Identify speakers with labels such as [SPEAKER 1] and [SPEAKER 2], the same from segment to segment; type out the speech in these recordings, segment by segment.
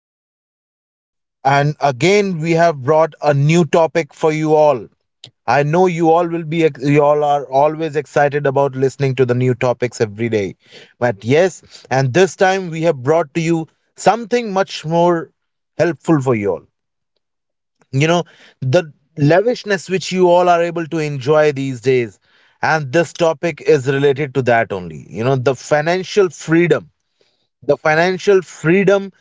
[SPEAKER 1] Abhay, and again we have brought a new topic for you all. I know you all are always excited about listening to the new topics every day. But yes, and this time we have brought to you something much more helpful for you all. You know, the lavishness which you all are able to enjoy these days, and this topic is related to that only. You know, the financial freedom,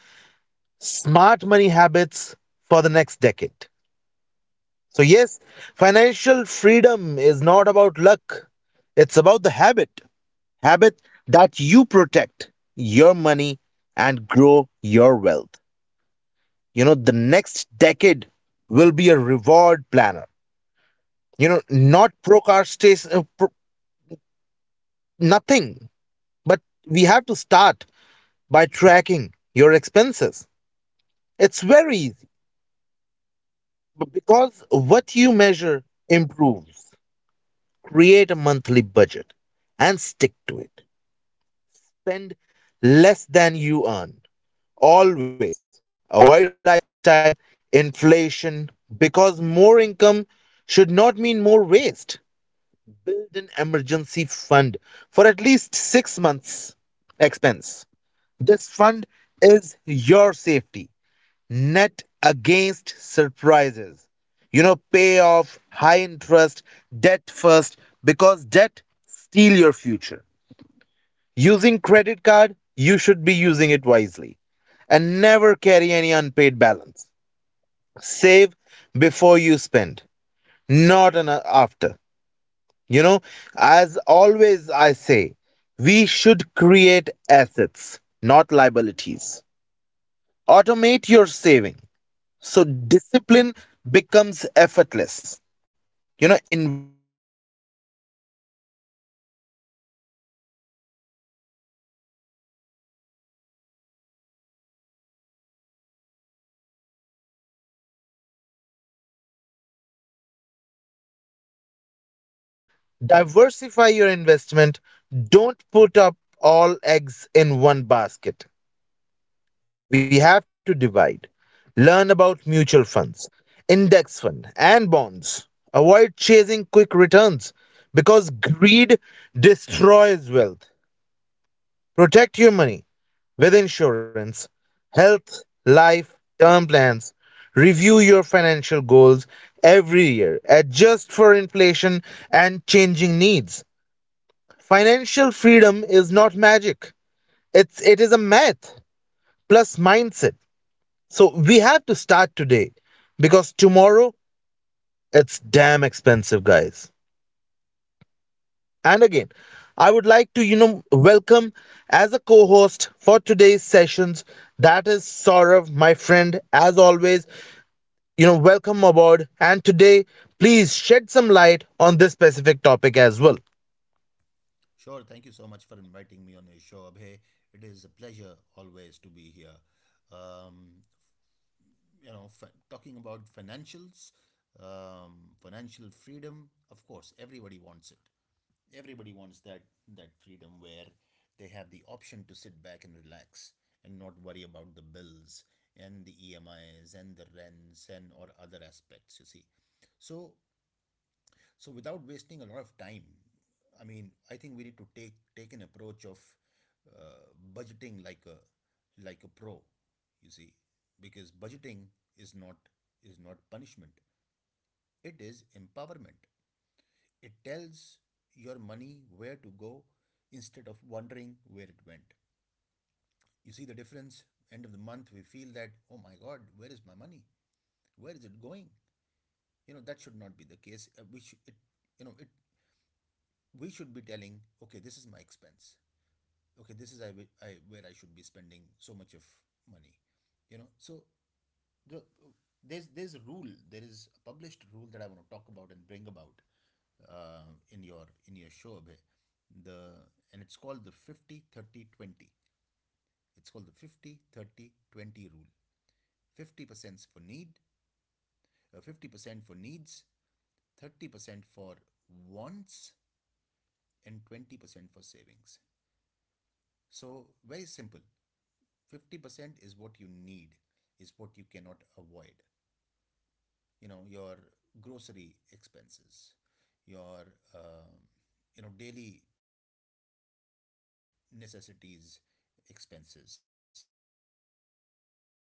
[SPEAKER 1] smart money habits for the next decade. So, yes, financial freedom is not about luck, it's about the habit. Habit that you protect your money and grow your wealth. You know, the next decade will be a reward planner. You know, not procrastination, pro- nothing, but we have to start by tracking your expenses. It's very easy because what you measure improves. Create a monthly budget and stick to it. Spend less than you earn. Always avoid lifestyle inflation, because more income should not mean more waste. Build an emergency fund for at least 6 months' expense. This fund is your safety net against surprises. You know, pay off high interest debt first, because debt steal your future. Using credit card, you should be using it wisely and never carry any unpaid balance. Save before you spend, not an after. You know, as always I say, we should create assets, not liabilities. Automate your saving, so discipline becomes effortless. You know, invest early, invest properly. And I believe investing early, because time beats timing. Compound interest is your best friend, so start now. Diversify your investment. Don't put up all eggs in one basket, we have to divide. Learn about mutual funds, index fund, and bonds. Avoid chasing quick returns because greed destroys wealth. Protect your money with insurance, health, life, term plans. Review your financial goals every year. Adjust for inflation and changing needs. Financial freedom is not magic. It is a math plus mindset. So we have to start today, because tomorrow it's damn expensive, guys. And again, I would like to, welcome as a co host for today's sessions. That is Saurav, my friend, as always. You know, welcome aboard. And today, please shed some light on this specific topic as well.
[SPEAKER 2] Sure, thank you so much for inviting me on your show, Abhay. It is a pleasure always to be here. Um, Talking about financials, financial freedom. Of course, everybody wants it. Everybody wants that freedom where they have the option to sit back and relax and not worry about the bills and the EMIs and the rents and or other aspects. You see, so so without wasting a lot of time, I mean, I think we need to take an approach of uh, budgeting like a pro, you see, because budgeting is not is not punishment. It is empowerment. It tells your money where to go instead of wondering where it went. You see the difference. End of the month, we feel that oh my God, where is my money? Where is it going? You know that should not be the case. Which it you know it We should be telling okay this is my expense, okay this is I where I should be spending so much of money, you know. So the, there's a rule, there is a published rule that I want to talk about and bring about in your show, Abhay. The and It's called the 50 30 20. It's called the 50 30 20 rule. 50% for need 50% for needs, 30% for wants, and 20% for savings. So very simple. 50% is what you need, is what you cannot avoid. You know, your grocery expenses, your, um you know, daily necessities expenses, your fuel expenses.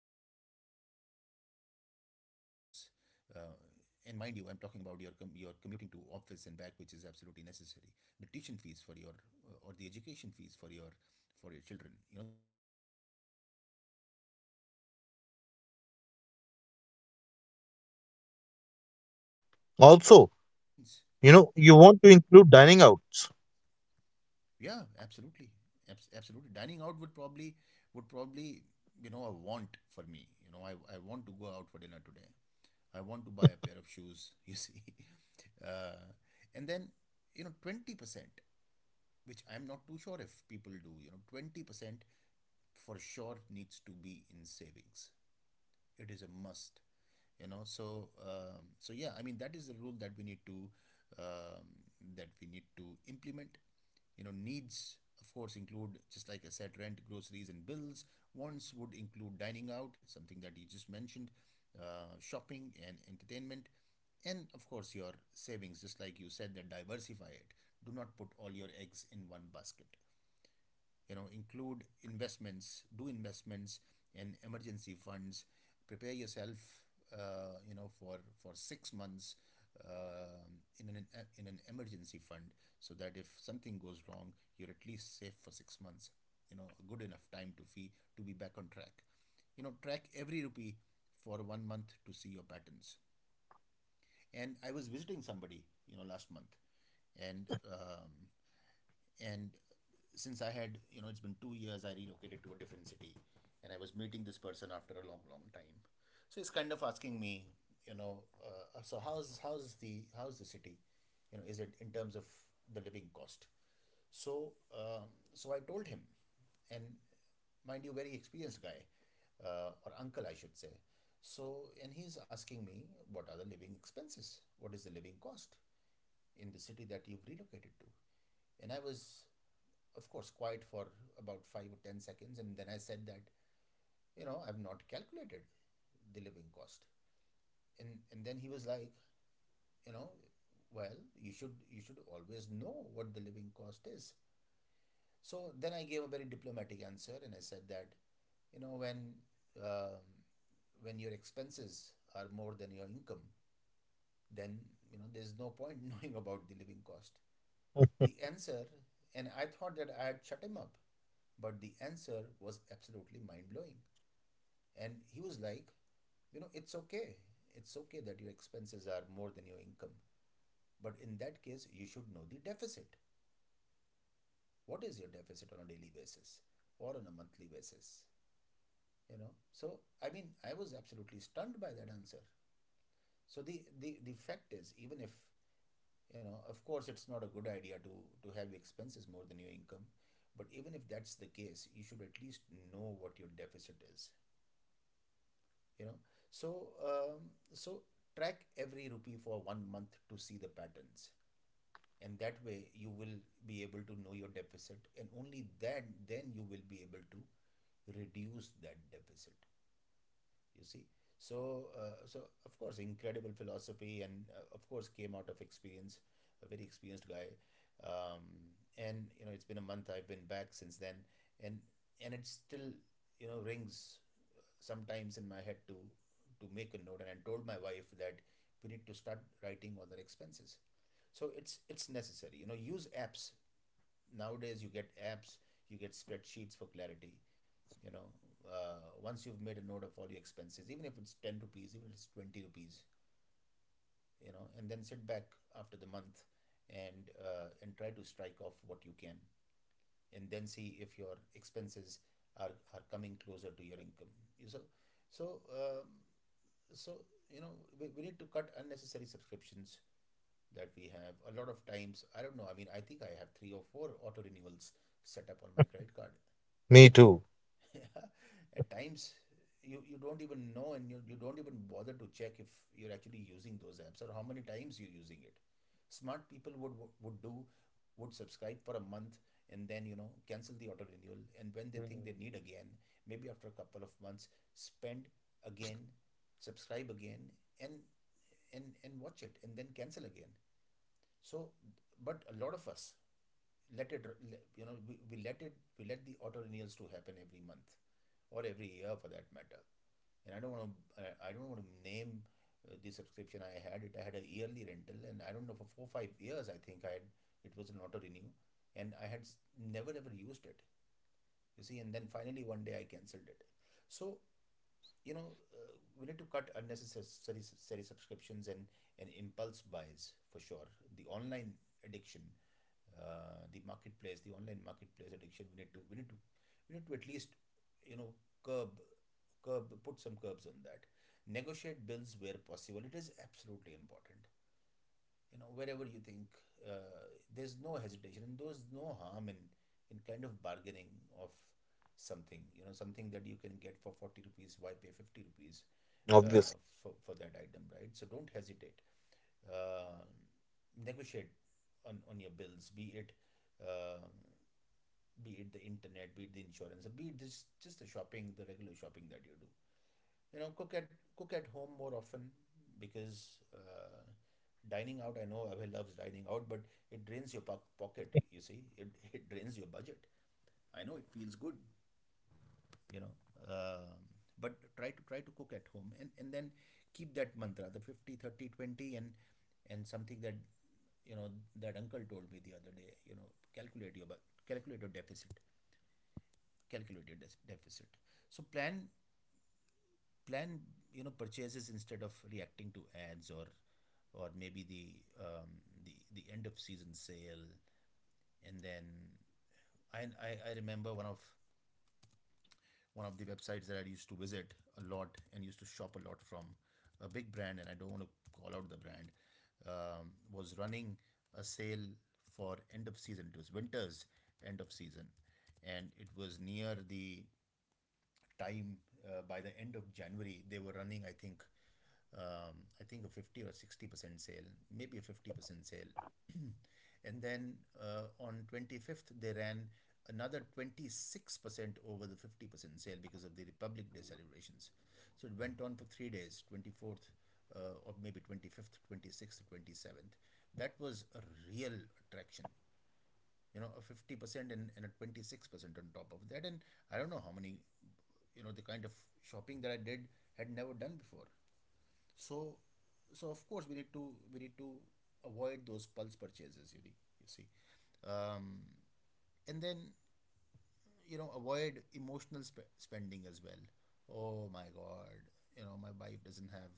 [SPEAKER 2] Uh, and mind you, I'm talking about your commuting to office and back, which is absolutely necessary. The tuition fees for your, or the education fees for your children. You know, these are all needs. So, you know, 50% for the needs, 30% for the wants. You know, I want to buy a new pair of jeans.
[SPEAKER 1] Also, you know, you want to include dining outs.
[SPEAKER 2] Yeah, absolutely. Absolutely. Dining out would probably, you know, a want for me. You know, I want to go out for dinner today. I want to buy a pair of shoes, you see. Uh, and then, you know, 20%, which I'm not too sure if people do, you know, 20% for sure needs to be in savings. It is a must, you know. So so yeah, I mean that is the rule that we need to, um, that we need to implement. You know, needs of course include just like I said rent, groceries, and bills. Wants would include dining out, something that you just mentioned, shopping and entertainment. And of course your savings, just like you said, that diversify it. Do not put all your eggs in one basket. You know, include investments, do investments and emergency funds. Prepare yourself, you know, for 6 months, uh, in an in an emergency fund, so that if something goes wrong you're at least safe for 6 months. You know, a good enough time to fee to be back on track. You know, track every rupee for 1 month to see your patterns. And I was visiting somebody, you know, last month, and um, and since I had, you know, it's been 2 years, I relocated to a different city, and I was meeting this person after a long, long time. So he's kind of asking me, you know, so how's the how's the city, you know, is it in terms of the living cost? So so I told him, and mind you, very experienced guy, or uncle, I should say. So and he's asking me what are the living expenses? What is the living cost in the city that you've relocated to? And I was of course quiet for about 5 or 10 seconds, and then I said that, you know, I've not calculated the living cost. And then he was like, you know, well, you should always know what the living cost is. So then I gave a very diplomatic answer, and I said that, you know, um, when your expenses are more than your income, then you know there's no point knowing about the living cost the answer, and I thought that I had shut him up, but the answer was absolutely mind blowing. And he was like, you know, it's okay. It's okay that your expenses are more than your income. But in that case, you should know the deficit. What is your deficit on a daily basis or on a monthly basis? You know, so I mean, I was absolutely stunned by that answer. So the fact is, even if, you know, of course it's not a good idea to have expenses more than your income, but even if that's the case you should at least know what your deficit is, you know. So so track every rupee for 1 month to see the patterns, and that way you will be able to know your deficit, and only that then you will be able to reduce that deficit, you see. So so of course incredible philosophy, and of course came out of experience, a very experienced guy. um, and you know it's been a month I've been back since then, and and it still, you know, rings sometimes in my head to make a note, and I told my wife that we need to start writing all the expenses. So it's necessary, you know, use apps. Nowadays you get apps, you get spreadsheets for clarity, you know. Once you've made a note of all your expenses, even if it's 10 rupees, even if it's 20 rupees, you know, and then sit back after the month, and try to strike off what you can, and then see if your expenses are coming closer to your income. So so um, so you know, we need to cut unnecessary subscriptions that we have a lot of times. I don't know, I mean I think I have three or four auto renewals set up on my credit card.
[SPEAKER 1] Me too.
[SPEAKER 2] Yeah, at times you don't even know, and you don't even bother to check if you're actually using those apps or how many times you're using it. Smart people would would do, would subscribe for a month and then you know cancel the auto renewal, and when they think they need
[SPEAKER 1] Mm.
[SPEAKER 2] again, maybe after a couple of months, spend again, subscribe again and and watch it and then cancel again. So, but a lot of us let it, you know, we let it we let the auto renewals to happen every month or every year for that matter. And I don't want to I don't want to name the subscription. I had it, I had a yearly rental and I don't know for 4 or 5 years, I think I had, it was an auto renew, and I had never ever used it, you see, and then finally one day I cancelled it. So you know, uh, we need to cut unnecessary necessary subscriptions and impulse buys for sure. The online addiction, the marketplace, the online marketplace addiction, we need to we need to at least, you know, curb curb, put some curbs on that. Negotiate bills where possible, it is absolutely important. You know, wherever you think, uh, there's no hesitation and there's no harm in kind of bargaining of something. You know, something that you can get for 40 rupees why pay 50 rupees, uh,
[SPEAKER 1] Obviously.
[SPEAKER 2] for that item, right? So don't hesitate, uh, negotiate on your bills, um be it the internet, be it the insurance, or be it just the shopping, the regular shopping that you do. You know, cook at home more often, because dining out, I know Abhay loves dining out, but it drains your pocket, you see, it drains your budget. I know it feels good, you know. um, but try to try to cook at home, and then keep that mantra, the 50, 30, 20, and something that, you know, that uncle told me the other day, you know, calculate your calculate your deficit, calculate your deficit. So plan, plan you know, purchases instead of reacting to ads or maybe the, um, the end of season sale. And then I remember one of the websites that I used to visit a lot and used to shop a lot from, a big brand, and I don't want to call out the brand. Was running a sale for end of season, it was winter's end of season, and it was near the time. By the end of January, they were running, I think a 50 or 60% sale, maybe a 50% sale. And then on 25th, they ran another 26% over the 50% sale because of the Republic Day celebrations. So it went on for 3 days, 24th. Or maybe 25th, 26th, 27th. That was a real attraction, you know, a 50% and a 26% on top of that. And I don't know how many, you know, the kind of shopping that I did had never done before. So, so of course we need to avoid those pulse purchases, you see. Um, and then, you know, avoid emotional spending as well. Oh my God, you know, my wife doesn't have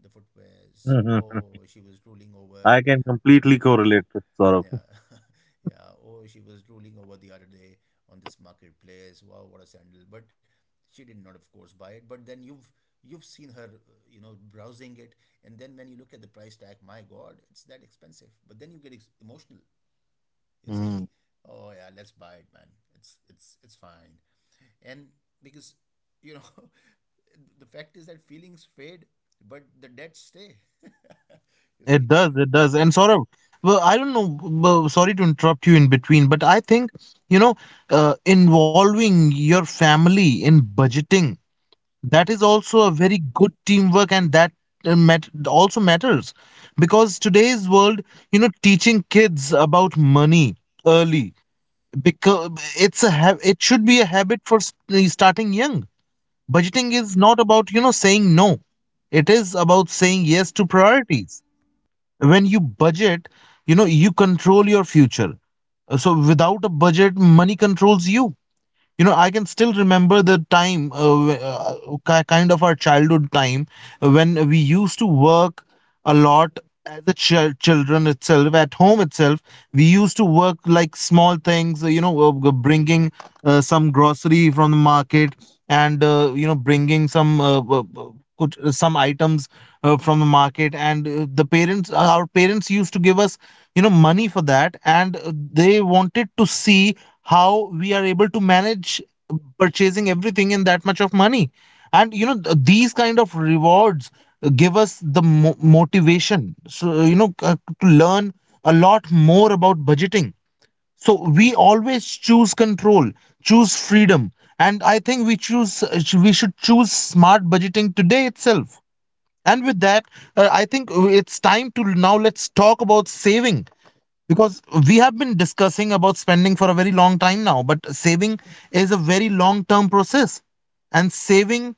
[SPEAKER 2] the footwears.
[SPEAKER 1] Mhm.
[SPEAKER 2] Oh, she was drooling over.
[SPEAKER 1] I can completely correlate with Saurabh.
[SPEAKER 2] Yeah, yeah. Oh, she was drooling over the other day on this marketplace. Wow, what a sandal! But she did not, of course, buy it. But then you've seen her, you know, browsing it, and then when you look at the price tag, my God, it's that expensive. But then you get emotional. You
[SPEAKER 1] Mm.
[SPEAKER 2] see, oh yeah, let's buy it, man. It's fine, and because, you know, the fact is that feelings fade, but the debts stay. You
[SPEAKER 1] It
[SPEAKER 2] see.
[SPEAKER 1] does, it does. And Saurabh, well, I don't know, well, sorry to interrupt you in between, but I think, you know, involving your family in budgeting, that is also a very good teamwork. And that also matters, because today's world, you know, teaching kids about money early, because it should be a habit, starting young.
[SPEAKER 2] Yeah.
[SPEAKER 1] Budgeting is not about, you know, saying no, it is about saying yes to priorities. When you budget, you know, you control your future. So without a budget, money controls you. You know, I can still remember the time, kind of our childhood time, when we used to work a lot as a children. Itself at home itself, we used to work, like, small things, bringing some grocery from the market, and, bringing some some items from the market. And, the parents our parents used to give us, you know, money for that. And, they wanted to see how we are able to manage purchasing everything in that much of money. And, you know,
[SPEAKER 2] Right.
[SPEAKER 1] these kind of rewards give us the motivation, so, you know, to learn a lot more about budgeting. So we always choose control, choose freedom. And I think we choose we should choose smart budgeting today itself. And with that, I think it's time to now, let's talk about saving. Because we have been discussing about spending for a very long time now, but saving is a very long term process. And saving,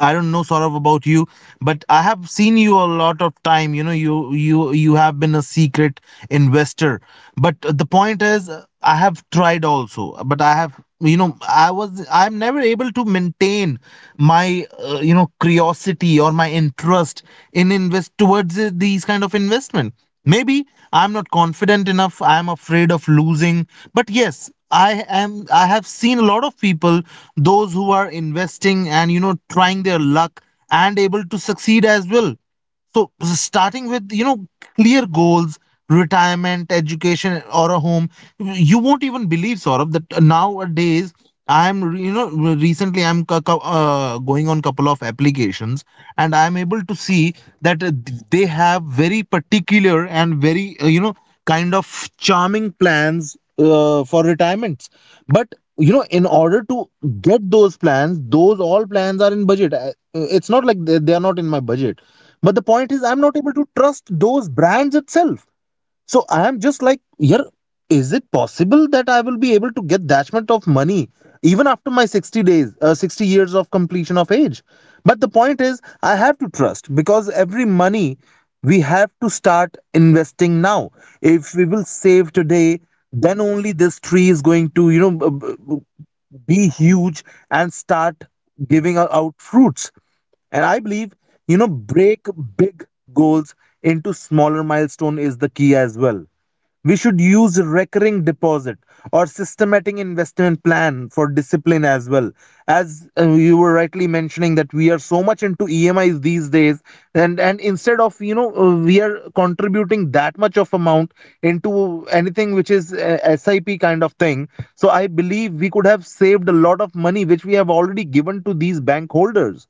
[SPEAKER 1] I don't know, Saurabh, about you, but I have seen you a lot of time. You know, you have been a secret investor. But the point is, I have tried also, but I'm never able to maintain my, curiosity or my interest in invest towards these kind of investment. Maybe I'm not confident enough. I'm afraid of losing. But yes, I have seen a lot of people, those who are investing and, you know, trying their luck and able to succeed as well. So starting with, you know, clear goals, retirement, education or a home. You won't even believe, Saurabh, that nowadays I'm you know recently I'm going on couple of applications, and I'm able to see that, they have very particular and very, kind of charming plans for retirements. But you know, in order to get those plans, those all plans are in budget. It's not like they are not in my budget, but the point is, I'm not able to trust those brands itself. So I am just like, here. Is it possible that I will be able to get that much of money even after my 60 days, 60 years of completion of age? But the point is, I have to trust, because every money we have to start investing now. If we will save today, then only this tree is going to, you know, be huge and start giving out fruits. And I believe, you know, break big goals into smaller milestone is the key as well. We should use recurring deposit or systematic investment plan for discipline as well. As, you were rightly mentioning that we are so much into EMIs these days, and instead of, we are contributing that much of amount into anything which is, SIP kind of thing. So I believe we could have saved a lot of money which we have already given to these bank holders.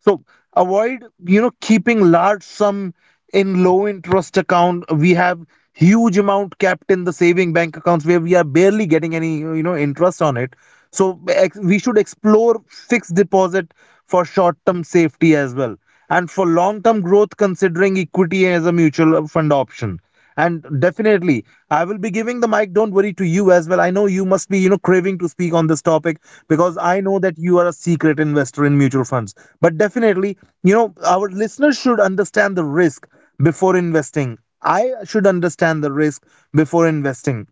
[SPEAKER 1] So avoid, you know, keeping large sum in low interest account. We have huge amount kept in the saving bank accounts where we are barely getting any, you know, interest on it. So we should explore fixed deposit for short term safety as well. And for long term growth, considering equity as a mutual fund option. And definitely, I will be giving the mic, don't worry, to you as well. I know you must be, you know, craving to speak on this topic, because I know that you are a secret investor in mutual funds. But definitely, you know, our listeners should understand the risk before investing. I should understand the risk before investing.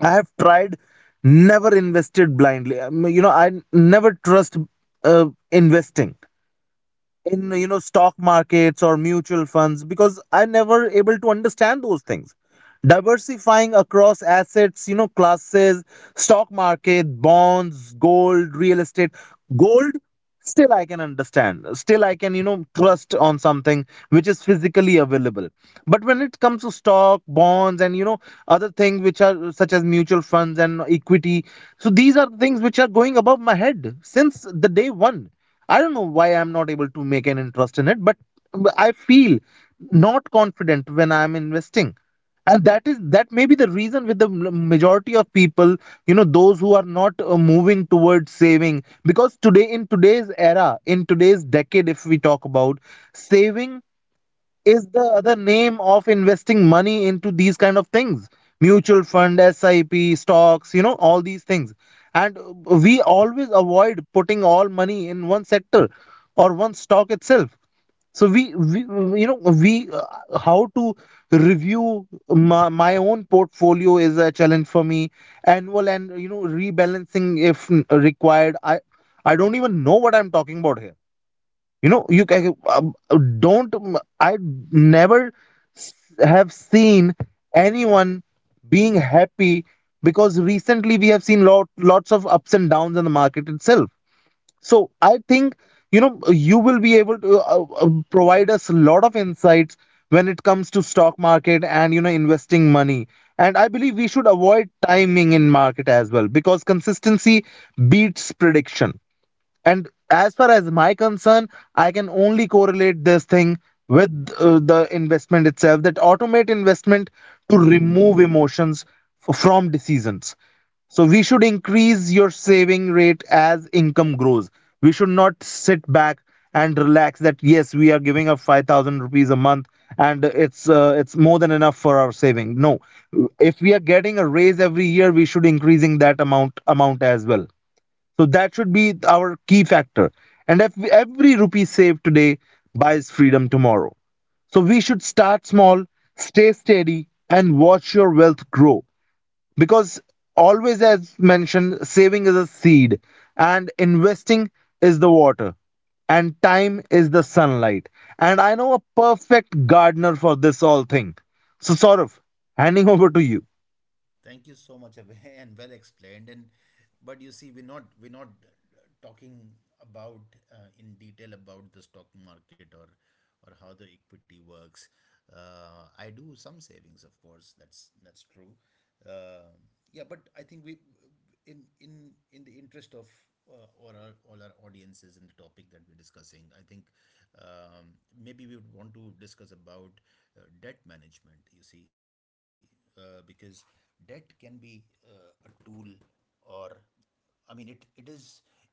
[SPEAKER 1] I have tried, never invested blindly. You know, I never trust, investing in, you know, stock markets or mutual funds, because I never able to understand those things. Diversifying across assets, you know, classes, stock market, bonds, gold, real estate. Gold, still I can understand, still I can, you know, trust on something which is physically available. But when it comes to stock, bonds, and, you know, other things which are such as mutual funds and equity, so these are things which are going above my head since the day one. I don't know why I'm not able to make an interest in it, but I feel not confident when I'm investing. And that is that may be the reason with the majority of people, you know, those who are not, moving towards saving. Because today, in today's era, in today's decade, if we talk about saving, is the other name of investing money into these kind of things, mutual fund, SIP, stocks, you know, all these things. And, we always avoid putting all money in one sector or one stock itself. So we you know, we how to review my own portfolio is a challenge for me, annual, and, you know, rebalancing if required. I don't even know what I'm talking about here, you know. You can don't I never s- have seen anyone being happy, because recently we have seen lots of ups and downs in the market itself. So I think, you know, you will be able to, provide us a lot of insights when it comes to stock market and, you know, investing money. And I believe we should avoid timing in market as well, because consistency beats prediction. And as far as my concern, I can only correlate this thing with, the investment itself, that automate investment to remove emotions from decisions. So we should increase your saving rate as income grows. We should not sit back and relax that yes, we are giving up 5000 rupees a month, and it's more than enough for our saving. No. If we are getting a raise every year, we should increasing that amount as well, so that should be our key factor. And if every rupee saved today buys freedom tomorrow. So we should start small, stay steady, and watch your wealth grow. Because always, as mentioned, saving is a seed, and investing is the water, and time is the sunlight. And I know a perfect gardener for this all thing. So, Saurav, handing over to you.
[SPEAKER 2] Thank you so much, Abhay, and well explained. And but you see, we're not talking about, in detail, about the stock market or how the equity works. I do some savings, of course. That's true. Uh, yeah, but I think we, in the interest of, all our audiences, in the topic that we're discussing, I think, um, maybe we would want to discuss about, debt management. You see, because debt can be, a tool, or I mean, it is.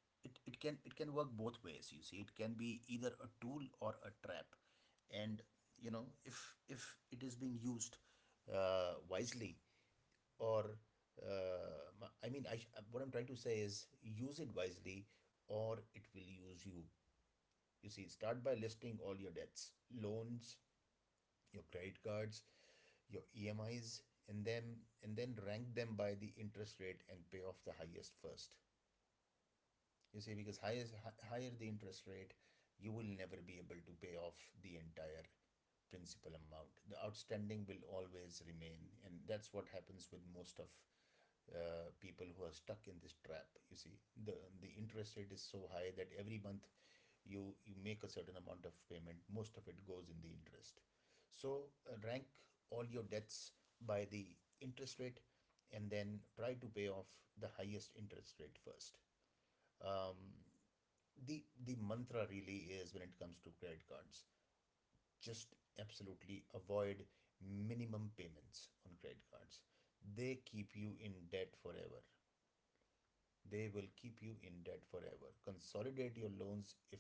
[SPEAKER 2] It can work both ways, you see. It can be either a tool or a trap, and, you know, if it is being used, wisely, or, I mean, what I'm trying to say is use it wisely, or it will use you. You see, start by listing all your debts, loans, your credit cards, your EMIs, and then rank them by the interest rate and pay off the highest first. You see, because higher the interest rate, you will never be able to pay off the entire principal amount. The outstanding will always remain, and that's what happens with most of, people who are stuck in this trap. You see, the the interest rate is so high that every month you make a certain amount of payment. Most of it goes in the interest. So rank all your debts by the interest rate, and then try to pay off the highest interest rate first. Um, the mantra really is, when it comes to credit cards, just absolutely avoid minimum payments on credit cards. They keep you in debt forever. They will keep you in debt forever. Consolidate your loans if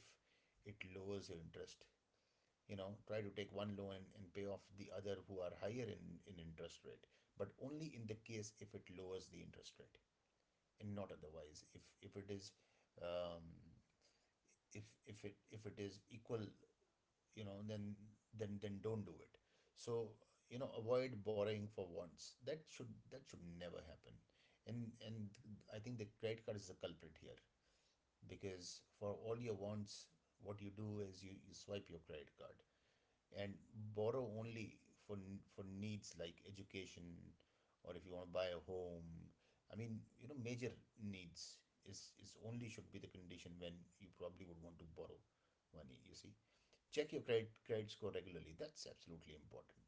[SPEAKER 2] it lowers your interest. You know, try to take one loan and pay off the other who are higher in interest rate, but only in the case if it lowers the interest rate, and not otherwise. If it is, um, if it is equal, you know, then don't do it. So, you know, avoid borrowing for wants. That should never happen. And I think the credit card is the culprit here, because for all your wants, what you do is you swipe your credit card and borrow only for for needs, like education or if you want to buy a home. I mean, you know, major needs is only should be the condition when you probably would want to borrow money, you see. Check your credit score regularly. That's absolutely important.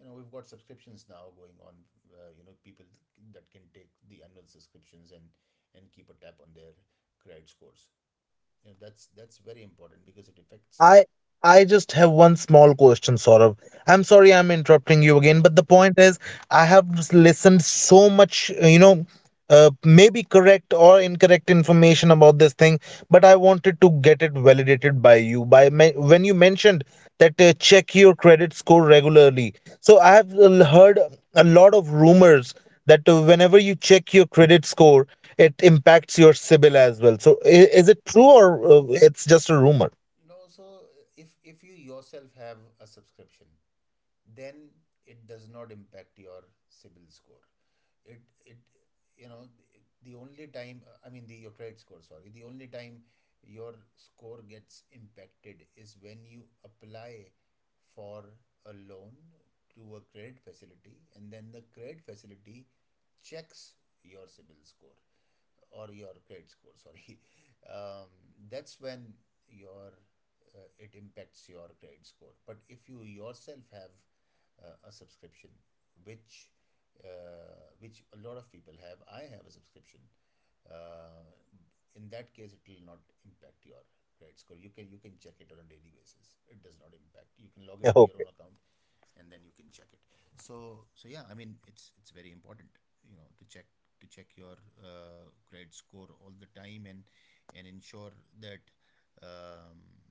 [SPEAKER 2] You know, we've got subscriptions now going on, you know, people that can take the annual subscriptions and keep a tab on their credit scores. You know, that's very important because it affects.
[SPEAKER 1] I I just have one small question, Saurav. I'm sorry I'm interrupting you again,
[SPEAKER 2] Yeah.
[SPEAKER 1] but the point is I have listened so much, maybe correct or incorrect information about this thing, but I wanted to get it validated by you. By when you mentioned that check your credit score regularly, so I have heard a lot of rumors that whenever you check your credit score, it impacts your CIBIL as well. So is it true, or it's just a rumor?
[SPEAKER 2] No, so, if you yourself have a subscription, then it does not impact your CIBIL score. It, you know, the only time, I mean, the your credit score, sorry, the only time your score gets impacted is when you apply for a loan to a credit facility, and then the credit facility checks your CIBIL score, or your credit score, sorry. um, that's when your it impacts your credit score. But if you yourself have, a subscription, which, a lot of people have - I have a subscription - uh, in that case it will not impact your credit score. You can check it on a daily basis. It does not impact. You can log into your own account and then you can check it. So yeah, I mean, it's very important, you know, to check your, credit score all the time, and ensure that, um,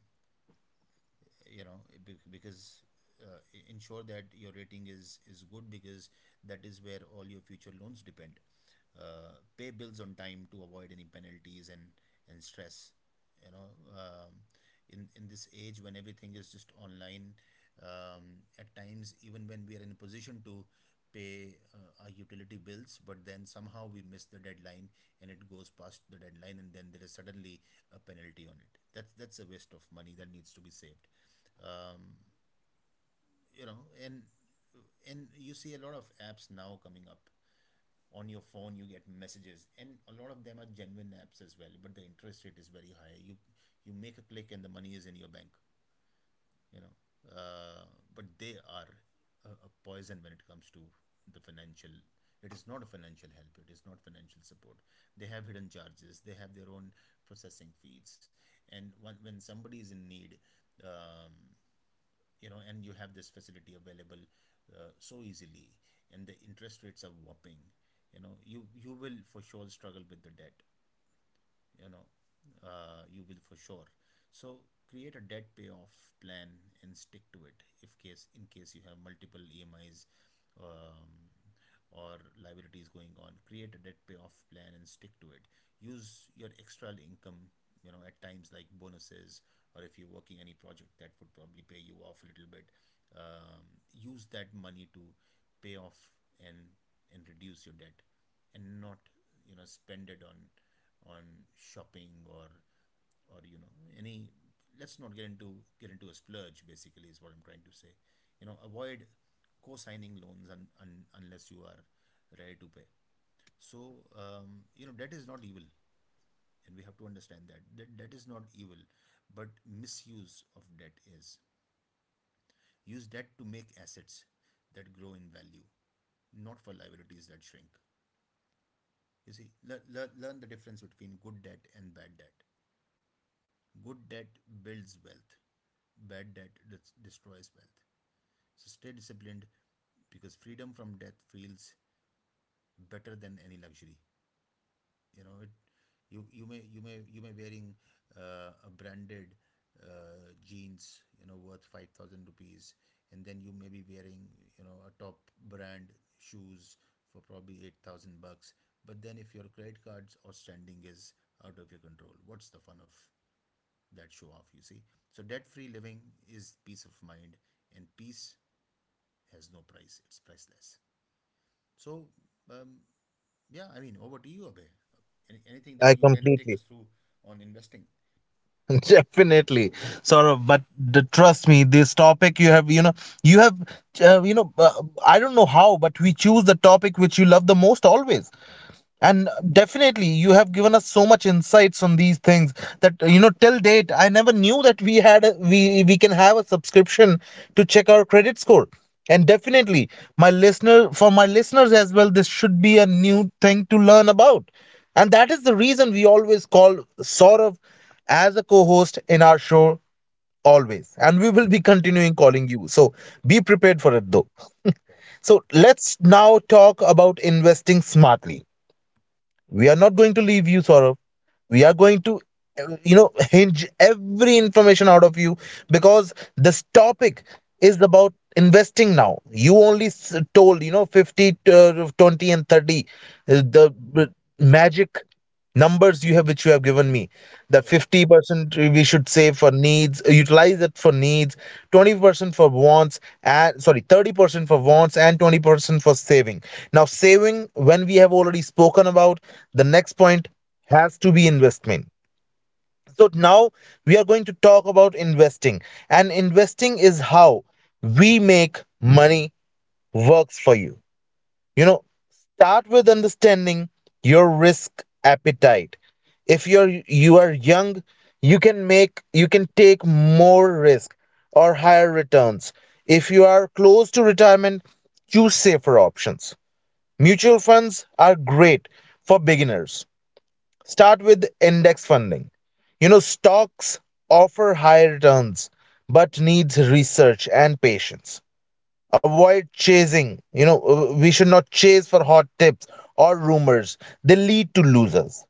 [SPEAKER 2] you know, because, uh, ensure that your rating is good, because that is where all your future loans depend. Pay bills on time to avoid any penalties and stress, you know. um, in this age when everything is just online, at times even when we are in a position to pay, our utility bills, but then somehow we miss the deadline, and it goes past the deadline, and then there is suddenly a penalty on it. That's a waste of money that needs to be saved. Um, you know, and you see a lot of apps now coming up on your phone. You get messages, and a lot of them are genuine apps as well, but the interest rate is very high. You make a click and the money is in your bank. You know, uh, but they are a poison when it comes to the financial. It is not a financial help, it is not financial support. They have hidden charges, they have their own processing fees. And when somebody is in need, um, you know, and you have this facility available, so easily, and the interest rates are whopping. You know, you will for sure struggle with the debt. You know, you will for sure. So, create a debt payoff plan and stick to it. If case in case you have multiple EMIs, um, or liabilities going on, create a debt payoff plan and stick to it. Use your extra income, you know, at times like bonuses, or if you're working any project that would probably pay you off a little bit. um, Use that money to pay off and and reduce your debt, and not, you know, spend it on shopping, or you know, any - let's not get into a splurge, basically, is what I'm trying to say. You know, avoid co-signing loans, unless you are ready to pay. So, you know, debt is not evil, and we have to understand that. That debt is not evil, but misuse of debt is. Use debt to make assets that grow in value, not for liabilities that shrink. You see, learn, learn, learn the difference between good debt and bad debt. Good debt builds wealth, bad debt destroys wealth. So stay disciplined, because freedom from debt feels better than any luxury. You know it. You may wearing, a branded, jeans, you know, worth 5,000 rupees, and then you may be wearing, you know, a top brand shoes for probably 8,000 bucks. But then if your credit cards outstanding is out of your control, what's the fun of that show off, you see? So debt free living is peace of mind, and peace has no price, it's priceless. So, um, yeah, I mean, over to you, Abhay. Anything that
[SPEAKER 1] I
[SPEAKER 2] you can take us through on investing?
[SPEAKER 1] definitely, Saurav. But trust me, this topic you have, you know, you have, uh, you know, uh, I don't know how, but we choose the topic which you love the most always, and definitely you have given us so much insights on these things, that you know, till date I never knew that we can have a subscription to check our credit score. And definitely my listeners as well, this should be a new thing to learn about. And that is the reason we always call Saurav as a co-host in our show, always, and we will be continuing calling you, so be prepared for it though.
[SPEAKER 2] Sure.
[SPEAKER 1] So let's now talk about investing smartly. We are not going to leave you, Sorrow. We are going to you know, hinge every information out of you, because this topic is about investing. Now you only told, you know, 50 to 20 and 30, the magic numbers you have which you have given me, that
[SPEAKER 2] Right.
[SPEAKER 1] 50% we should save for needs, utilize it for needs, 20% for wants, and sorry, 30% for wants, and 20% for saving. Now saving when we have already spoken about, the next point has to be investment. So now we are going to talk about investing, and investing is how we make money works for you, you know. Start with understanding your risk appetite. If you're you are young, you can take more risk or higher returns. If you are close to retirement, choose safer options. Mutual funds are great for beginners. Start with index funding. You know, stocks offer high returns but needs research and patience. Avoid chasing, you know, we should not chase for hot tips or rumors, they lead to losers.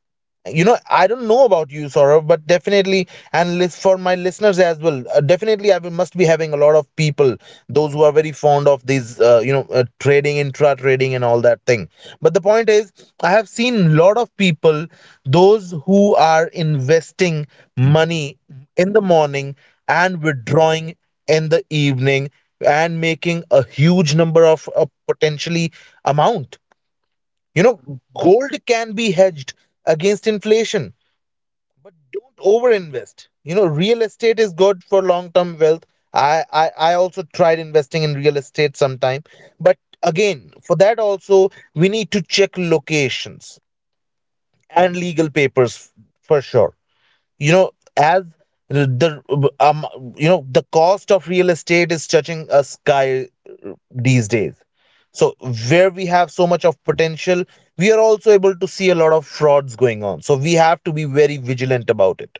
[SPEAKER 1] You know, I don't know about you, Saurav, but definitely, and list for my listeners as well, definitely must be having a lot of people those who are very fond of these, trading, intra trading, and all that thing. But the point is, I have seen lot of people those who are investing money in the morning and withdrawing in the evening, and making a huge number of potentially amount, you know. Gold can be hedged against inflation, but don't overinvest. You know, real estate is good for long term wealth. I also tried investing in real estate sometime, but again, for that also we need to check locations and legal papers for sure. You know, as the um you know, the cost of real estate is touching a sky these days. So where we have so much of potential, we are also able to see a lot of frauds going on, so we have to be very vigilant about it,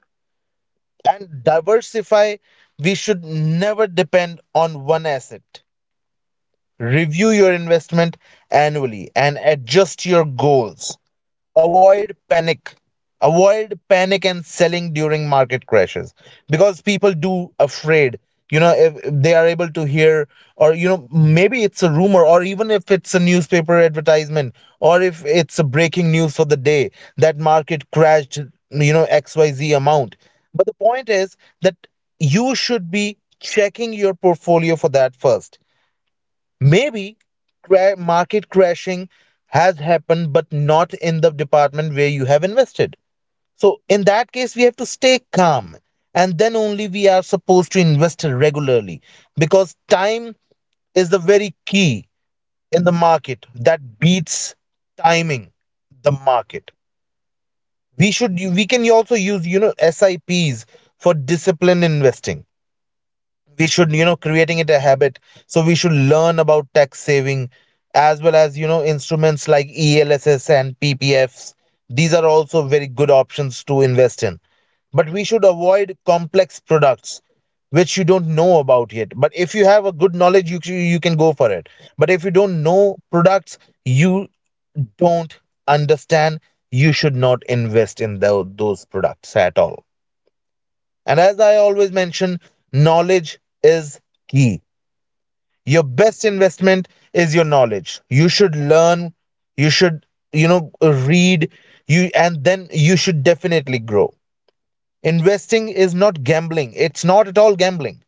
[SPEAKER 1] and diversify. We should never depend on one asset. Review your investment annually and adjust your goals. avoid panic Avoid panic and selling during market crashes, because people do afraid. You know, if they are able to hear or, you know, maybe it's a rumor, or even if it's a newspaper advertisement, or if it's a breaking news for the day that market crashed, you know, xyz amount. But the point is that you should be checking your portfolio for that first. Maybe market crashing has happened, but not in the department where you have invested. So, in that case, we have to stay calm, and then only we are supposed to invest regularly, because time is the very key in the market that beats timing the market. We can also use, you know, SIPs for disciplined investing. We should, you know, creating it a habit. So we should learn about tax saving as well as, you know, instruments like elss and ppfs. These are also very good options to invest in, but we should avoid complex products which you don't know about yet. But if you have a good knowledge, you can go for it. But if you don't know products, you don't understand, you should not invest in those products at all. And as I always mention, knowledge is key. Your best investment is your knowledge. You should learn, you should, you know, read, you and then you should definitely grow. Investing is not gambling. It's not at all gambling,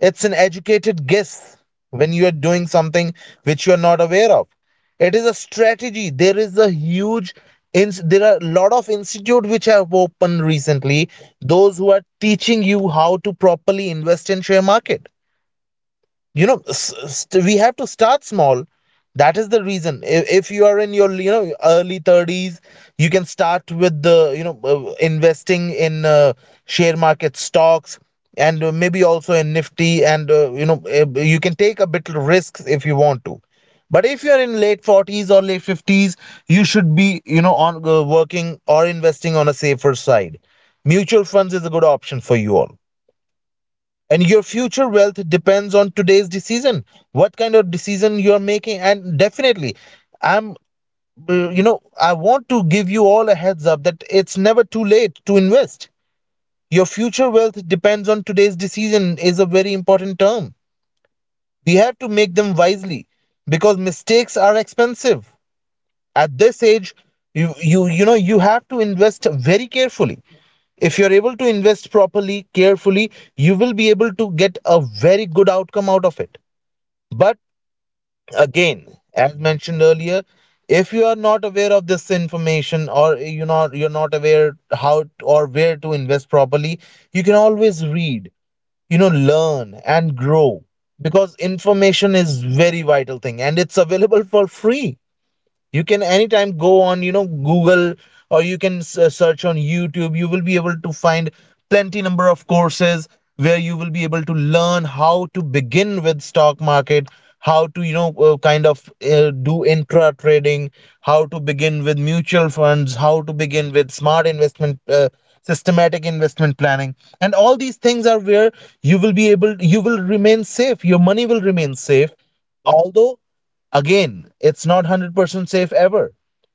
[SPEAKER 1] it's an educated guess when you are doing something which you are not aware of. It is a strategy. There is a there are a lot of institute which have opened recently, those who are teaching you how to properly invest in share market. You know, we have to start small. That is the reason if you are in your, you know, early 30s, you can start with the, you know, investing in, share market stocks, and maybe also in nifty, and, you can take a bit risks if you want to. But if you're in late 40s or late 50s, you should be, you know, on, working or investing on a safer side. Mutual funds is a good option for you all. And your future wealth depends on today's decision, what kind of decision you're making. And definitely i'm I want to give you all a heads up that it's never too late to invest. Your future wealth depends on today's decision is a very important term. We have to make them wisely, because mistakes are expensive at this age. You know, you have to invest very carefully. If you're able to invest properly carefully, you will be able to get a very good outcome out of it. But again, as mentioned earlier, if you are not aware of this information, or you know, you're not aware how or where to invest properly, you can always read, you know, learn and grow, because information is very vital thing, and it's available for free. You can anytime go on, you know, google, or you can search on youtube. You will be able to find plenty number of courses where you will be able to learn how to begin with stock market, how to, you know, do intra trading, how to begin with mutual funds, how to begin with smart investment, systematic investment planning. And all these things are where you will be able, you will remain safe, your money will remain safe. Although again, it's not 100% safe ever,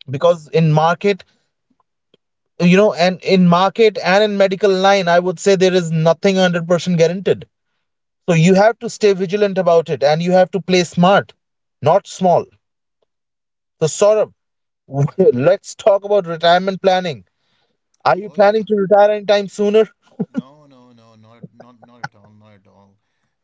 [SPEAKER 1] because in market, you know, and in market and in medical line, I would say there is nothing 100% guaranteed. So you have to stay vigilant about it, and you have to play smart, not small. So Saurabh, let's talk about retirement planning. Are you
[SPEAKER 2] Oh,
[SPEAKER 1] planning
[SPEAKER 2] yeah.
[SPEAKER 1] to retire anytime sooner?
[SPEAKER 2] No, no, no, not at all, not at all.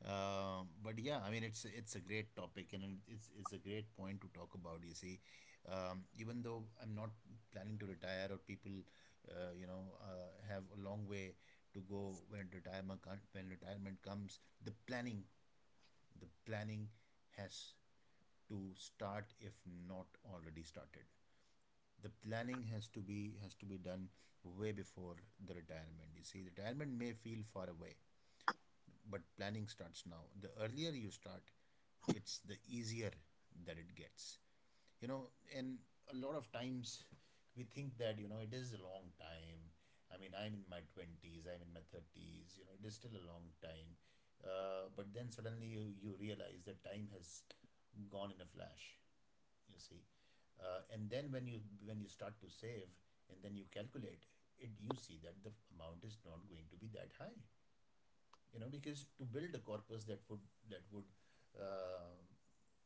[SPEAKER 2] But yeah, I mean, it's a great topic, and it's a great point to talk about. You see, even though I'm not planning to retire, or people, have a long way to go when retirement comes, the planning has to start if not already started. The planning has to be done way before the retirement. You see, retirement may feel far away, but planning starts now. The earlier you start, it's the easier that it gets, you know. And a lot of times we think that, you know, it is a long time. I mean, I'm in my 20s, I'm in my 30s, you know, it is still a long time. But then suddenly you realize that time has gone in a flash, you see. And then when you start to save and then you calculate it, you see that the amount is not going to be that high, you know, because to build a corpus that would that would uh,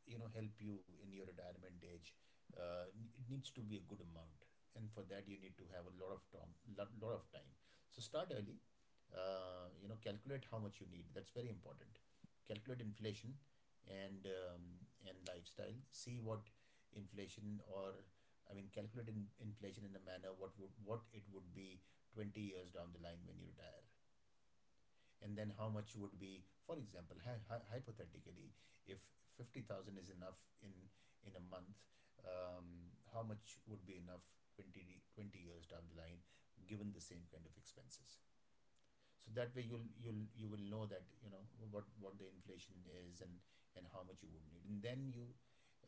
[SPEAKER 2] help you in your retirement age, uh, it needs to be a good amount. And for that you need to have a lot of time, lot of time. So start early. Calculate how much you need, that's very important. Calculate inflation and um, and lifestyle. See what inflation or, I mean, calculate inflation in a manner what would, what it would be 20 years down the line when you retire. And then how much would be, for example, hypothetically, if 50,000 is enough in a month, how much would be enough 20 20 years down the line, given the same kind of expenses. So that way you will know that, you know, what the inflation is, and how much you would need. And then you,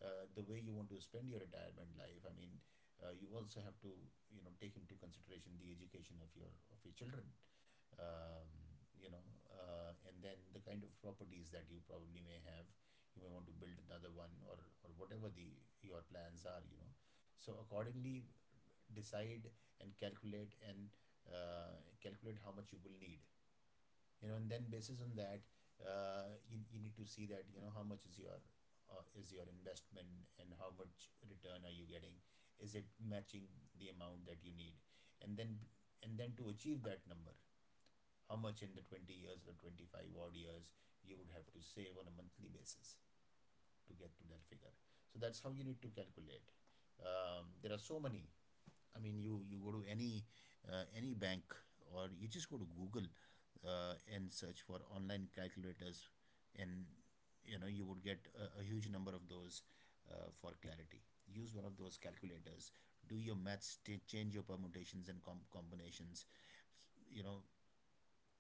[SPEAKER 2] the way you want to spend your retirement life. I mean, you also have to, you know, take into consideration the education of your children. um, you know and then the kind of properties that you probably may have, you may want to build another one, or whatever the, your plans are, you know. So accordingly, decide and calculate and, calculate how much you will need, you know. And then basis on that, you need to see that, you know, how much is your investment and how much return are you getting. Is it matching the amount that you need? And then, and then to achieve that number, how much in the 20 years or 25 odd years you would have to save on a monthly basis to get to that figure. So that's how you need to calculate. There are so many, I mean, you go to any, any bank, or you just go to Google and search for online calculators, and you know you would get a huge number of those for clarity. Use one of those calculators. Do your maths, change your permutations and combinations. You know,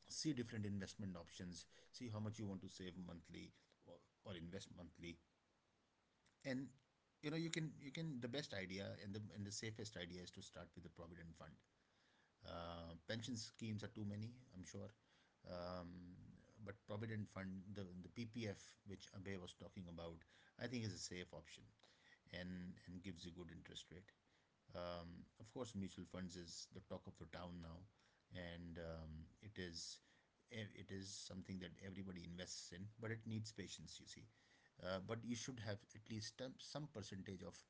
[SPEAKER 2] see different investment options. See how much you want to save monthly, or, or invest monthly. And you know, you can, the best idea and the, and the safest idea is to start with the provident fund. Pension schemes are too many, I'm sure. Um, but provident fund, the PPF, which Abhay was talking about, I think is a safe option, and gives you good interest rate. Of course, mutual funds is the talk of the town now, and it is, it is something that everybody invests in, but it needs patience, you see. But you should have at least some percentage of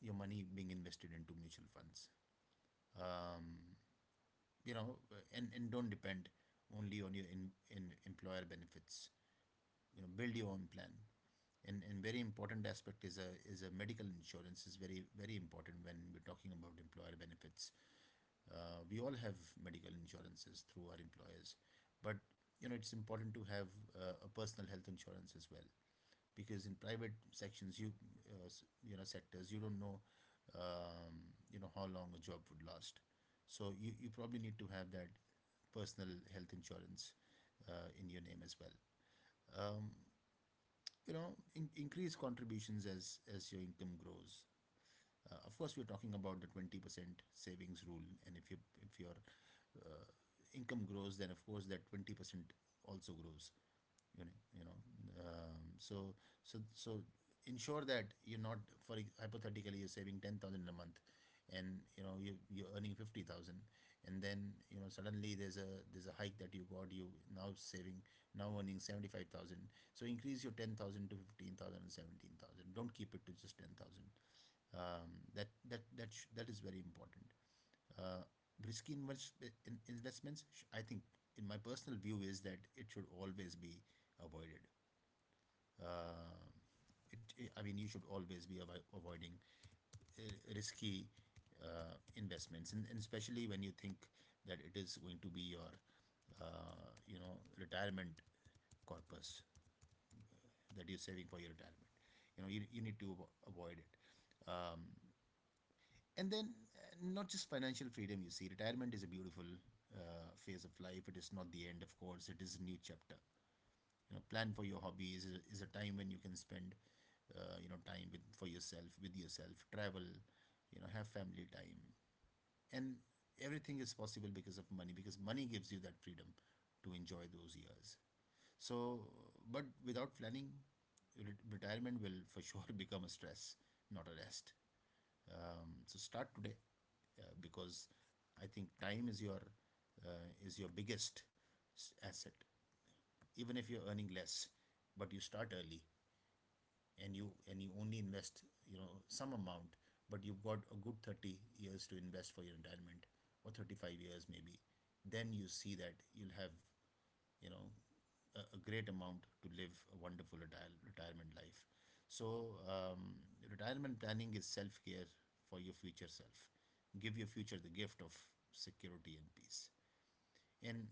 [SPEAKER 2] your money being invested into mutual funds. Um, you know and don't depend only on in employer benefits. You know, build your own plan. And very important aspect is, a is a medical insurance is very, very important. When we're talking about employer benefits, we all have medical insurances through our employers, but you know it's important to have a personal health insurance as well, because in private sections you, uh, you know sectors, you don't know, um, you know, how long a job would last. So you probably need to have that personal health insurance in your name as well. um, you know, increase contributions as your income grows. Uh, of course, we're talking about the 20% savings rule. And if you, if your uh, income grows, then of course that 20% also grows, you know. you know so, so so ensure that you're not, for hypothetically, you're saving 10,000 a month and you know you, you're earning 50,000, and then you know suddenly there's a hike that you got. You, now saving, now earning 75,000. So increase your 10,000 to fifteen thousand and seventeen thousand. Don't keep it to just 10,000. Um, that is very important. Uh, risky invest, investments, I think, in my personal view, is that it should always be avoided. Uh, it, I mean you should always be avoiding risky investments, and especially when you think that it is going to be your retirement corpus, that you're saving for your retirement, you know. You need to avoid it. Um, and then not just financial freedom. You see, retirement is a beautiful phase of life. It is not the end. Of course, it is a new chapter. You know, plan for your hobbies. Is a, is a time when you can spend, time with for yourself, with yourself. Travel, you know, have family time. And everything is possible because of money, because money gives you that freedom to enjoy those years. So, but without planning, retirement will for sure become a stress, not a rest. Um, so start today, because I think time is your biggest asset. Even if you're earning less, but you start early, and you only invest, you know, some amount, but you've got a good 30 years to invest for your retirement, or 35 years maybe. Then you see that you'll have, you know, a great amount to live a wonderful retirement life. So, retirement planning is self care for your future self. Give your future the gift of security and peace. And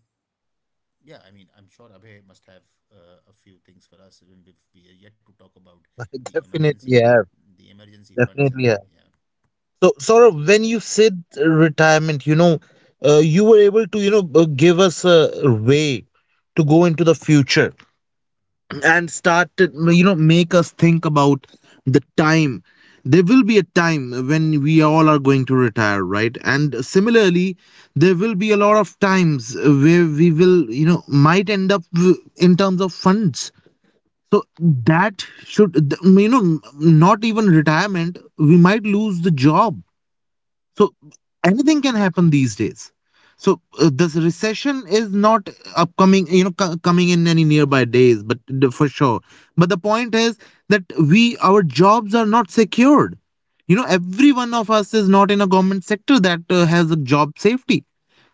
[SPEAKER 2] yeah, I mean, I'm sure Abhay must have a few things for us, even if we are yet to talk about
[SPEAKER 1] I
[SPEAKER 2] the emergency,
[SPEAKER 1] definitely have,
[SPEAKER 2] the emergency funds. And
[SPEAKER 1] definitely have.
[SPEAKER 2] yeah,
[SPEAKER 1] So, Saurabh, when you said retirement, you know, you were able to, you know, give us a way to go into the future, and start, to, you know, make us think about the time. There will be a time when we all are going to retire, right? And similarly, there will be a lot of times where we will, you know, might end up in terms of funds. So that you know, not even retirement, we might lose the job, so anything can happen these days. So this recession is not upcoming, you know, coming in any nearby days, but for sure. But the point is that our jobs are not secured. You know, every one of us is not in a government sector that has a job safety.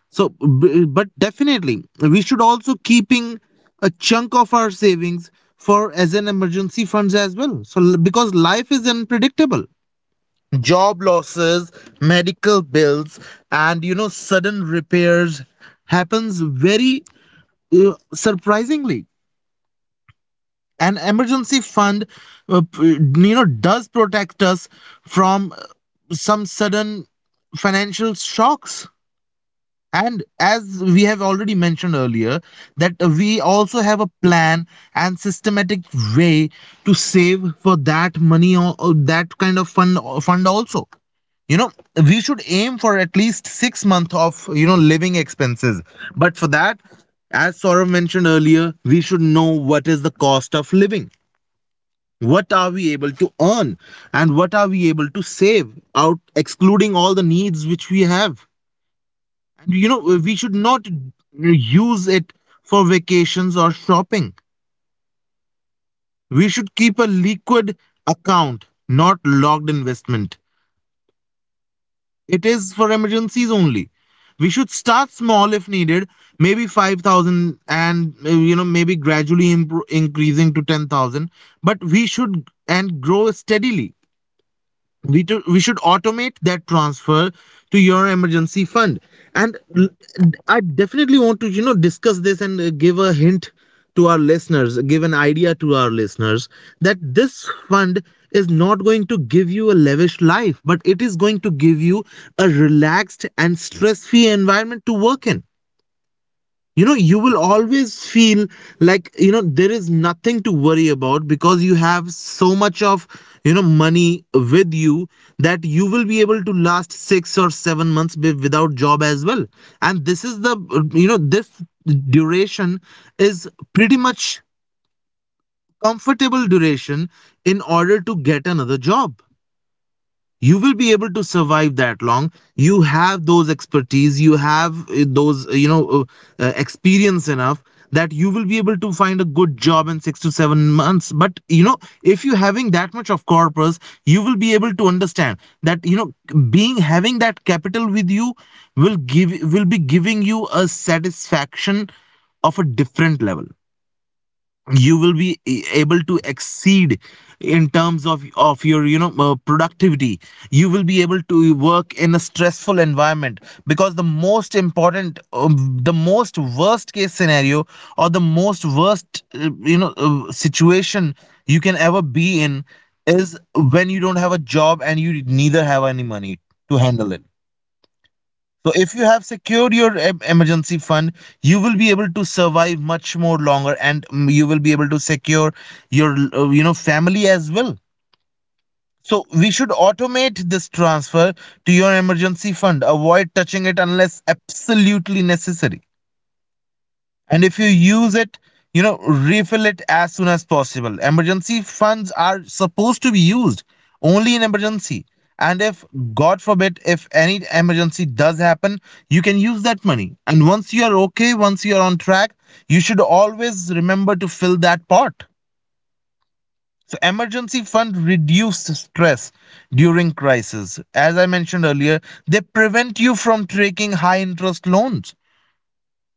[SPEAKER 1] So, but definitely, we should also keeping a chunk of our savings for as an emergency funds as well. So, because life is unpredictable, job losses, medical bills, and sudden repairs happens very, surprisingly. An emergency fund, does protect us from, some sudden financial shocks. And as we have already mentioned earlier, that we also have a plan and systematic way to save for that money, or that kind of fund also. We should aim for at least 6 months of living expenses. But for that, as Saurav mentioned earlier, we should know what is the cost of living. What are we able to earn, and what are we able to save out excluding all the needs which we have? And we should not use it for vacations or shopping. We should keep a liquid account, not locked investment. It is for emergencies only. We should start small if needed, maybe 5,000, and maybe gradually increasing to 10,000, but we should and grow steadily. We should automate that transfer to your emergency fund. and l- I definitely want to discuss this and give a hint to our listeners, give an idea to our listeners, that this fund is not going to give you a lavish life, but it is going to give you a relaxed and stress-free environment to work in. You know you will always feel like, there is nothing to worry about, because you have so much of, money with you, that you will be able to last 6 or 7 months without job as well. And this is the, this duration is pretty much comfortable duration in order to get another job. You will be able to survive that long. You have those expertise, you have those, experience enough, that you will be able to find a good job in 6 to 7 months. But if you having that much of corpus, you will be able to understand that, being having that capital with you will be giving you a satisfaction of a different level. You will be able to exceed in terms of your, productivity. You will be able to work in a stressful environment, because the most important, the most worst case scenario, or the most worst, situation you can ever be in, is when you don't have a job and you neither have any money to handle it. So if you have secured your emergency fund, you will be able to survive much more longer, and, you will be able to secure your, family as well. So we should automate this transfer to your emergency fund. Avoid touching it unless absolutely necessary, and if you use it, refill it as soon as possible. Emergency funds are supposed to be used only in emergency. And if, god forbid, if any emergency does happen, you can use that money, and once you are okay, once you are on track, you should always remember to fill that pot. So emergency fund reduces stress during crisis, as I mentioned earlier. They prevent you from taking high interest loans.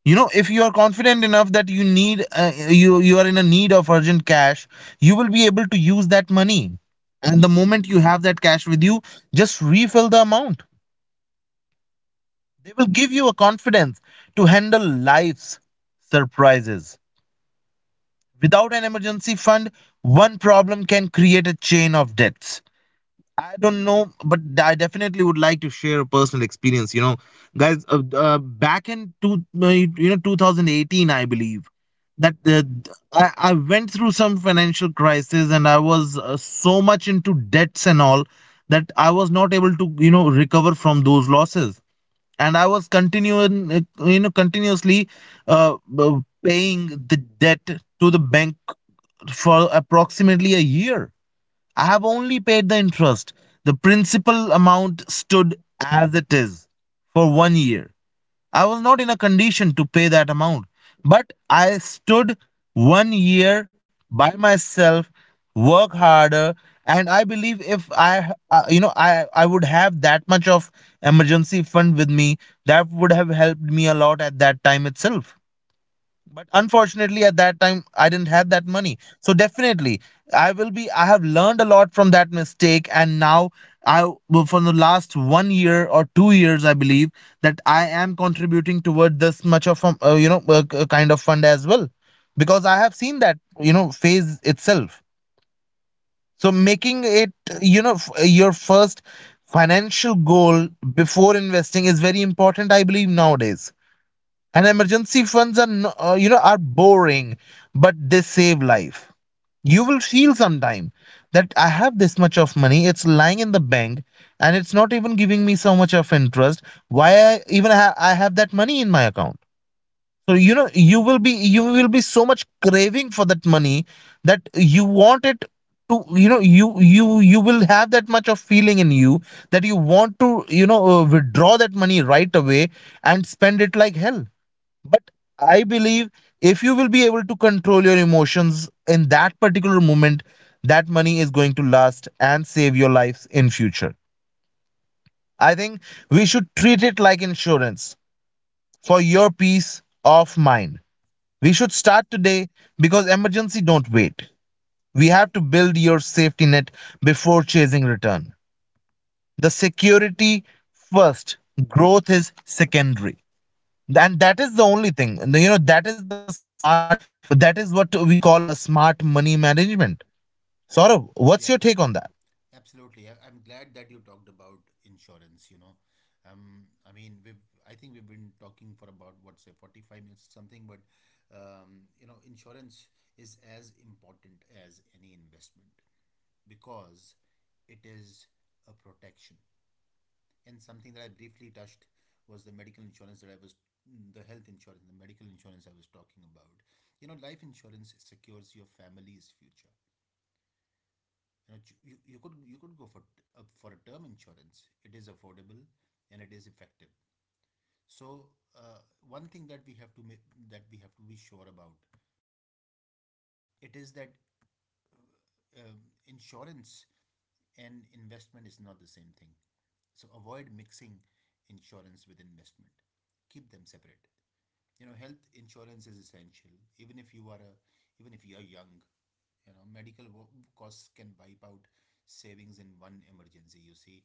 [SPEAKER 1] If you are confident enough that you need, you are in a need of urgent cash, you will be able to use that money. And the moment you have that cash with you, just refill the amount. They will give you a confidence to handle life's surprises. Without an emergency fund, one problem can create a chain of debts. I don't know, but I definitely would like to share a personal experience. Guys, back in 2018, I believe that, uh, I went through some financial crisis, and I was so much into debts and all, that I was not able to, recover from those losses. And I was continuously, paying the debt to the bank for approximately a year. I have only paid the interest. The principal amount stood as it is for 1 year. I was not in a condition to pay that amount, but I stood 1 year by myself, work harder, and I believe if I, you know, I would have that much of emergency fund with me, that would have helped me a lot at that time itself. But unfortunately at that time I didn't have that money. So definitely I will be I have learned a lot from that mistake. And now I, well, for the last 1 year or 2 years I believe, that I am contributing toward this much of a, kind of fund as well, because I have seen that, phase itself. So making it, your first financial goal before investing is very important I believe nowadays. And emergency funds are are boring, but they save life. You will feel sometime that I have this much of money, it's lying in the bank, and it's not even giving me so much of interest. Why I even I have that money in my account? So you will be, so much craving for that money, that you want it to, you will have that much of feeling in you, that you want to, withdraw that money right away and spend it like hell. But I believe, if you will be able to control your emotions in that particular moment, that money is going to last and save your lives in future. I think we should treat it like insurance for your peace of mind. We should start today, because emergency don't wait. We have to build your safety net before chasing return. The security first, growth is secondary. And that is the only thing. And the- you know That is the smart, that is what we call a smart money management. Saurav, what's your
[SPEAKER 2] yeah.
[SPEAKER 1] take on that?
[SPEAKER 2] Absolutely. I'm glad that you talked about insurance, you know. I mean, I think we've been talking for about, what, say, 45 minutes or something. But, you know, insurance is as important as any investment, because it is a protection. And something that I briefly touched was the medical insurance that I was, the health insurance, the medical insurance I was talking about. You know, life insurance secures your family's future. You know, you could go for a term insurance. It is affordable and it is effective. So, uh, one thing that we have to that we have to be sure about, it is that, um, insurance and investment is not the same thing. So avoid mixing insurance with investment. Keep them separate. You know, health insurance is essential. Even if you are a, even if you are young, you know, medical costs can wipe out savings in one emergency. You see,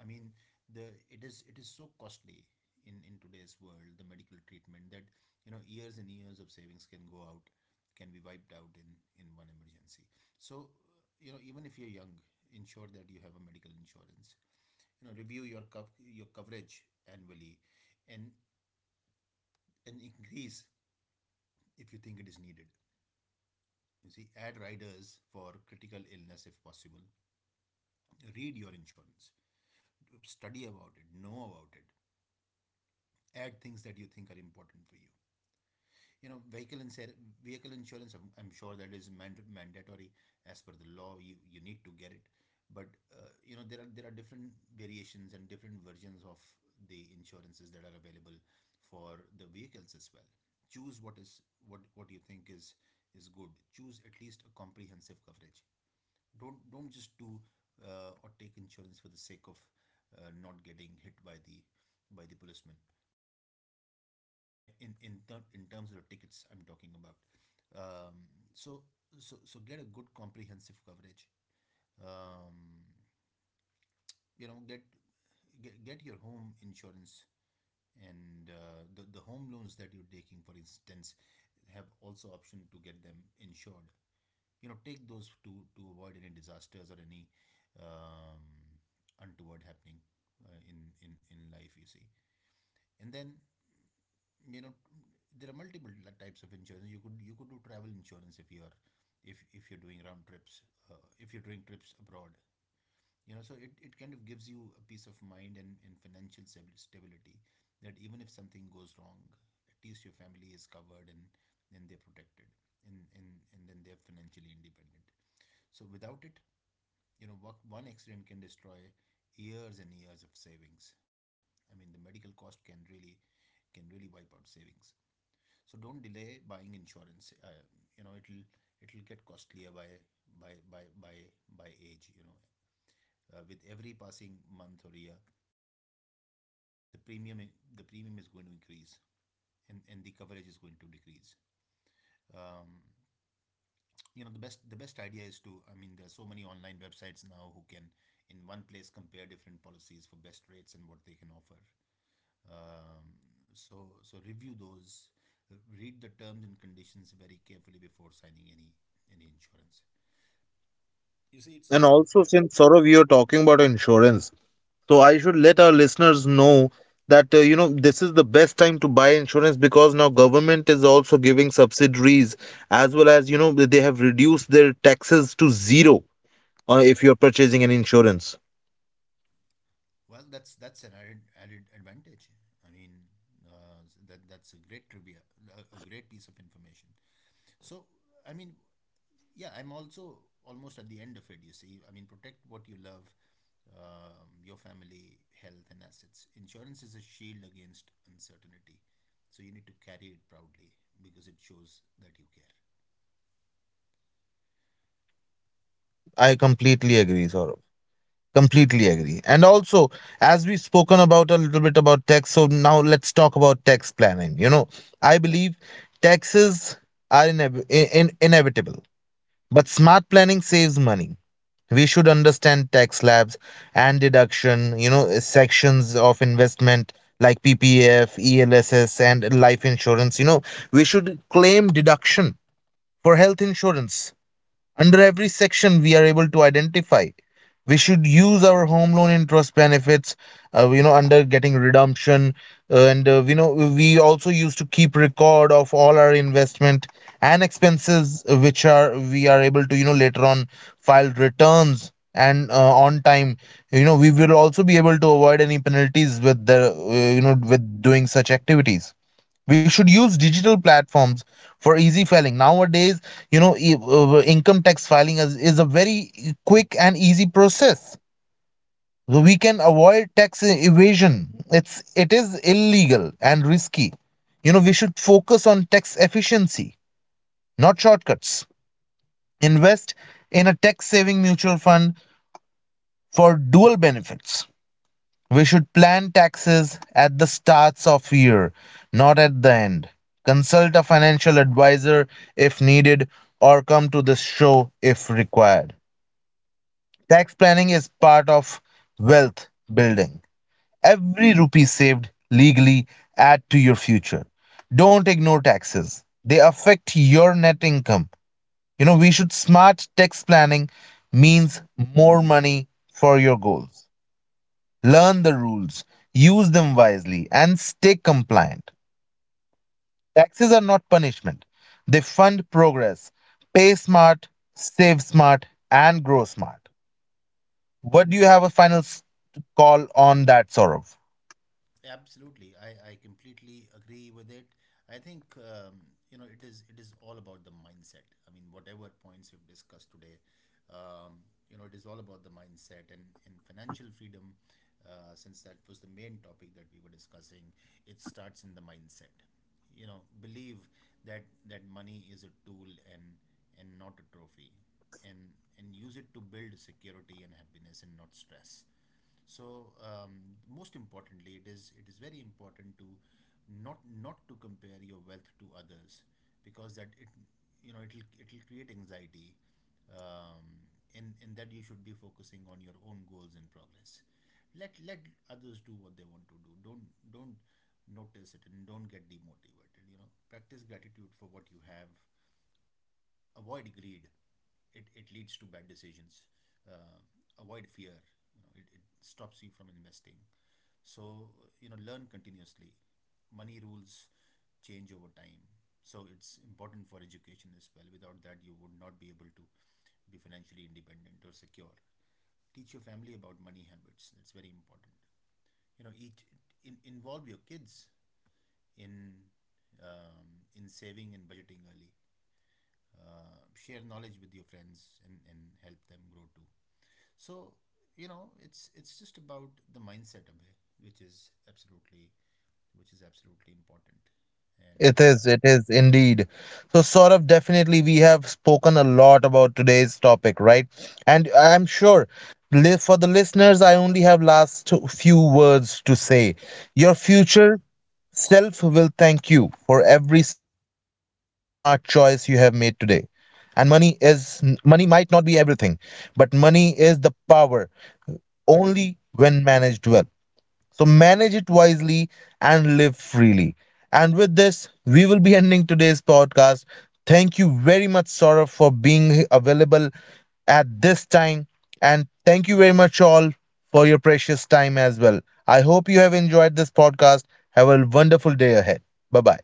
[SPEAKER 2] I mean, the it is, it is so costly in today's world, the medical treatment, that you know years and years of savings can go out, can be wiped out in one emergency. So you know, even if you're young, ensure that you have a medical insurance. You know, review your coverage annually, and and increase if you think it is needed. You see, add riders for critical illness if possible. Read your insurance, study about it, know about it, add things that you think are important for you. You know, vehicle insurance, I'm sure that is mandatory as per the law, you need to get it. But you know, there are different variations and different versions of the insurances that are available for the vehicles as well. Choose what is, what you think is good. Choose at least a comprehensive coverage. Don't just do, or take insurance for the sake of not getting hit by the policeman, you know, in, in terms of the tickets, I'm talking about. So, get a good comprehensive coverage. Um, you know, get your home insurance. And the home loans that you're taking, for instance, have also option to get them insured. You know, take those to avoid any disasters or any, um, untoward happening in life. You see, and then, you know, there are multiple, like, types of insurance. You could, you could do travel insurance if you're, if you're doing round trips, if you're doing trips abroad. You know, so it kind of gives you a peace of mind, and financial stability, that even if something goes wrong, at least your family is covered, and they're protected, and and, and then they're financially independent. So without it, you know, one, one accident can destroy years and years of savings. I mean, the medical cost can really, can really wipe out savings. So don't delay buying insurance. You know, it'll, it'll get costlier by, by by by by age. You know, with every passing month or year, the premium, the premium is going to increase, and the coverage is going to decrease. Um, you know, the best, the best idea is to, I mean, there are so many online websites now who can in one place compare different policies for best rates and what they can offer. Um, so, so review those, read the terms and conditions very carefully before signing any insurance. You see, it's not
[SPEAKER 1] And
[SPEAKER 2] about
[SPEAKER 1] also,
[SPEAKER 2] fear.
[SPEAKER 1] since Saurav you're talking about insurance, so I should let our listeners know that, this is the best time to buy insurance, because now government is also giving subsidies, as well as they have reduced their taxes to zero, if you're purchasing an insurance.
[SPEAKER 2] Well, that's an added, added advantage. I mean, that's a great trivia, a great piece of information. So, I mean, yeah, I'm also almost at the end of it, you see. I mean, protect what you love, your family, health, and assets. Insurance is a shield against uncertainty. So you need to carry it proudly because it shows that you care.
[SPEAKER 1] I completely agree, Saurav. Completely agree. And also, as we've spoken about a little bit about tax, so now let's talk about tax planning. I believe taxes are inevitable, but smart planning saves money. We should understand tax slabs and deduction, sections of investment like PPF, ELSS, and life insurance. We should claim deduction for health insurance under every section we are able to identify. We should use our home loan interest benefits, under getting redemption, we also used to keep record of all our investment and expenses, which are we are able to, later on file returns and on time. We will also be able to avoid any penalties with the, with doing such activities. We should use digital platforms for easy filing nowadays. Income tax filing is a very quick and easy process. So we can avoid tax evasion. It is illegal and risky. We should focus on tax efficiency, not shortcuts. Invest in a tax saving mutual fund for dual benefits. We should plan taxes at the starts of year, not at the end. Consult a financial advisor if needed, or come to this show if required. Tax planning is part of wealth building. Every rupee saved legally add to your future. Don't ignore taxes. They affect your net income. We should smart tax planning means more money for your goals. Learn the rules, use them wisely, and stay compliant. Taxes are not punishment, they fund progress. Pay smart, save smart, and grow smart. What do you have a final call on that, Saurav?
[SPEAKER 2] Absolutely, I completely agree with it. I think, you know, it is, it is all about the mindset. I mean, whatever points we've discussed today, um, you know, it is all about the mindset and in financial freedom. Since that was the main topic that we were discussing, it starts in the mindset. You know, believe that money is a tool, and and not a trophy, and and use it to build security and happiness, and not stress. So most importantly, it is, it is very important to, not to compare your wealth to others, because that, it, you know, it'll, it'll create anxiety, um, in that you should be focusing on your own goals and progress. Let others do what they want to do. Don't notice it, and don't get demotivated. You know, practice gratitude for what you have. Avoid greed. It leads to bad decisions. Uh, avoid fear. You know, it stops you from investing. So, you know, learn continuously. Money rules change over time. So it's important for education as well. Without that, you would not be able to be financially independent or secure. Teach your family about money habits. That's very important. You know, involve your kids in, in saving and budgeting early. Share knowledge with your friends, and help them grow too. So you know, it's just about the mindset, Abhay, which is absolutely, which is absolutely important. And
[SPEAKER 1] It is indeed. So, Saurav, definitely we have spoken a lot about today's topic, right? And I'm sure, for the listeners, I only have last few words to say. Your future self will thank you for every smart choice you have made today. And money might not be everything, but money is the power only when managed well. So manage it wisely and live freely. And with this, we will be ending today's podcast. Thank you very much, Saurabh, for being available at this time. And thank you very much, all, for your precious time as well. I hope you have enjoyed this podcast. Have a wonderful day ahead. Bye bye.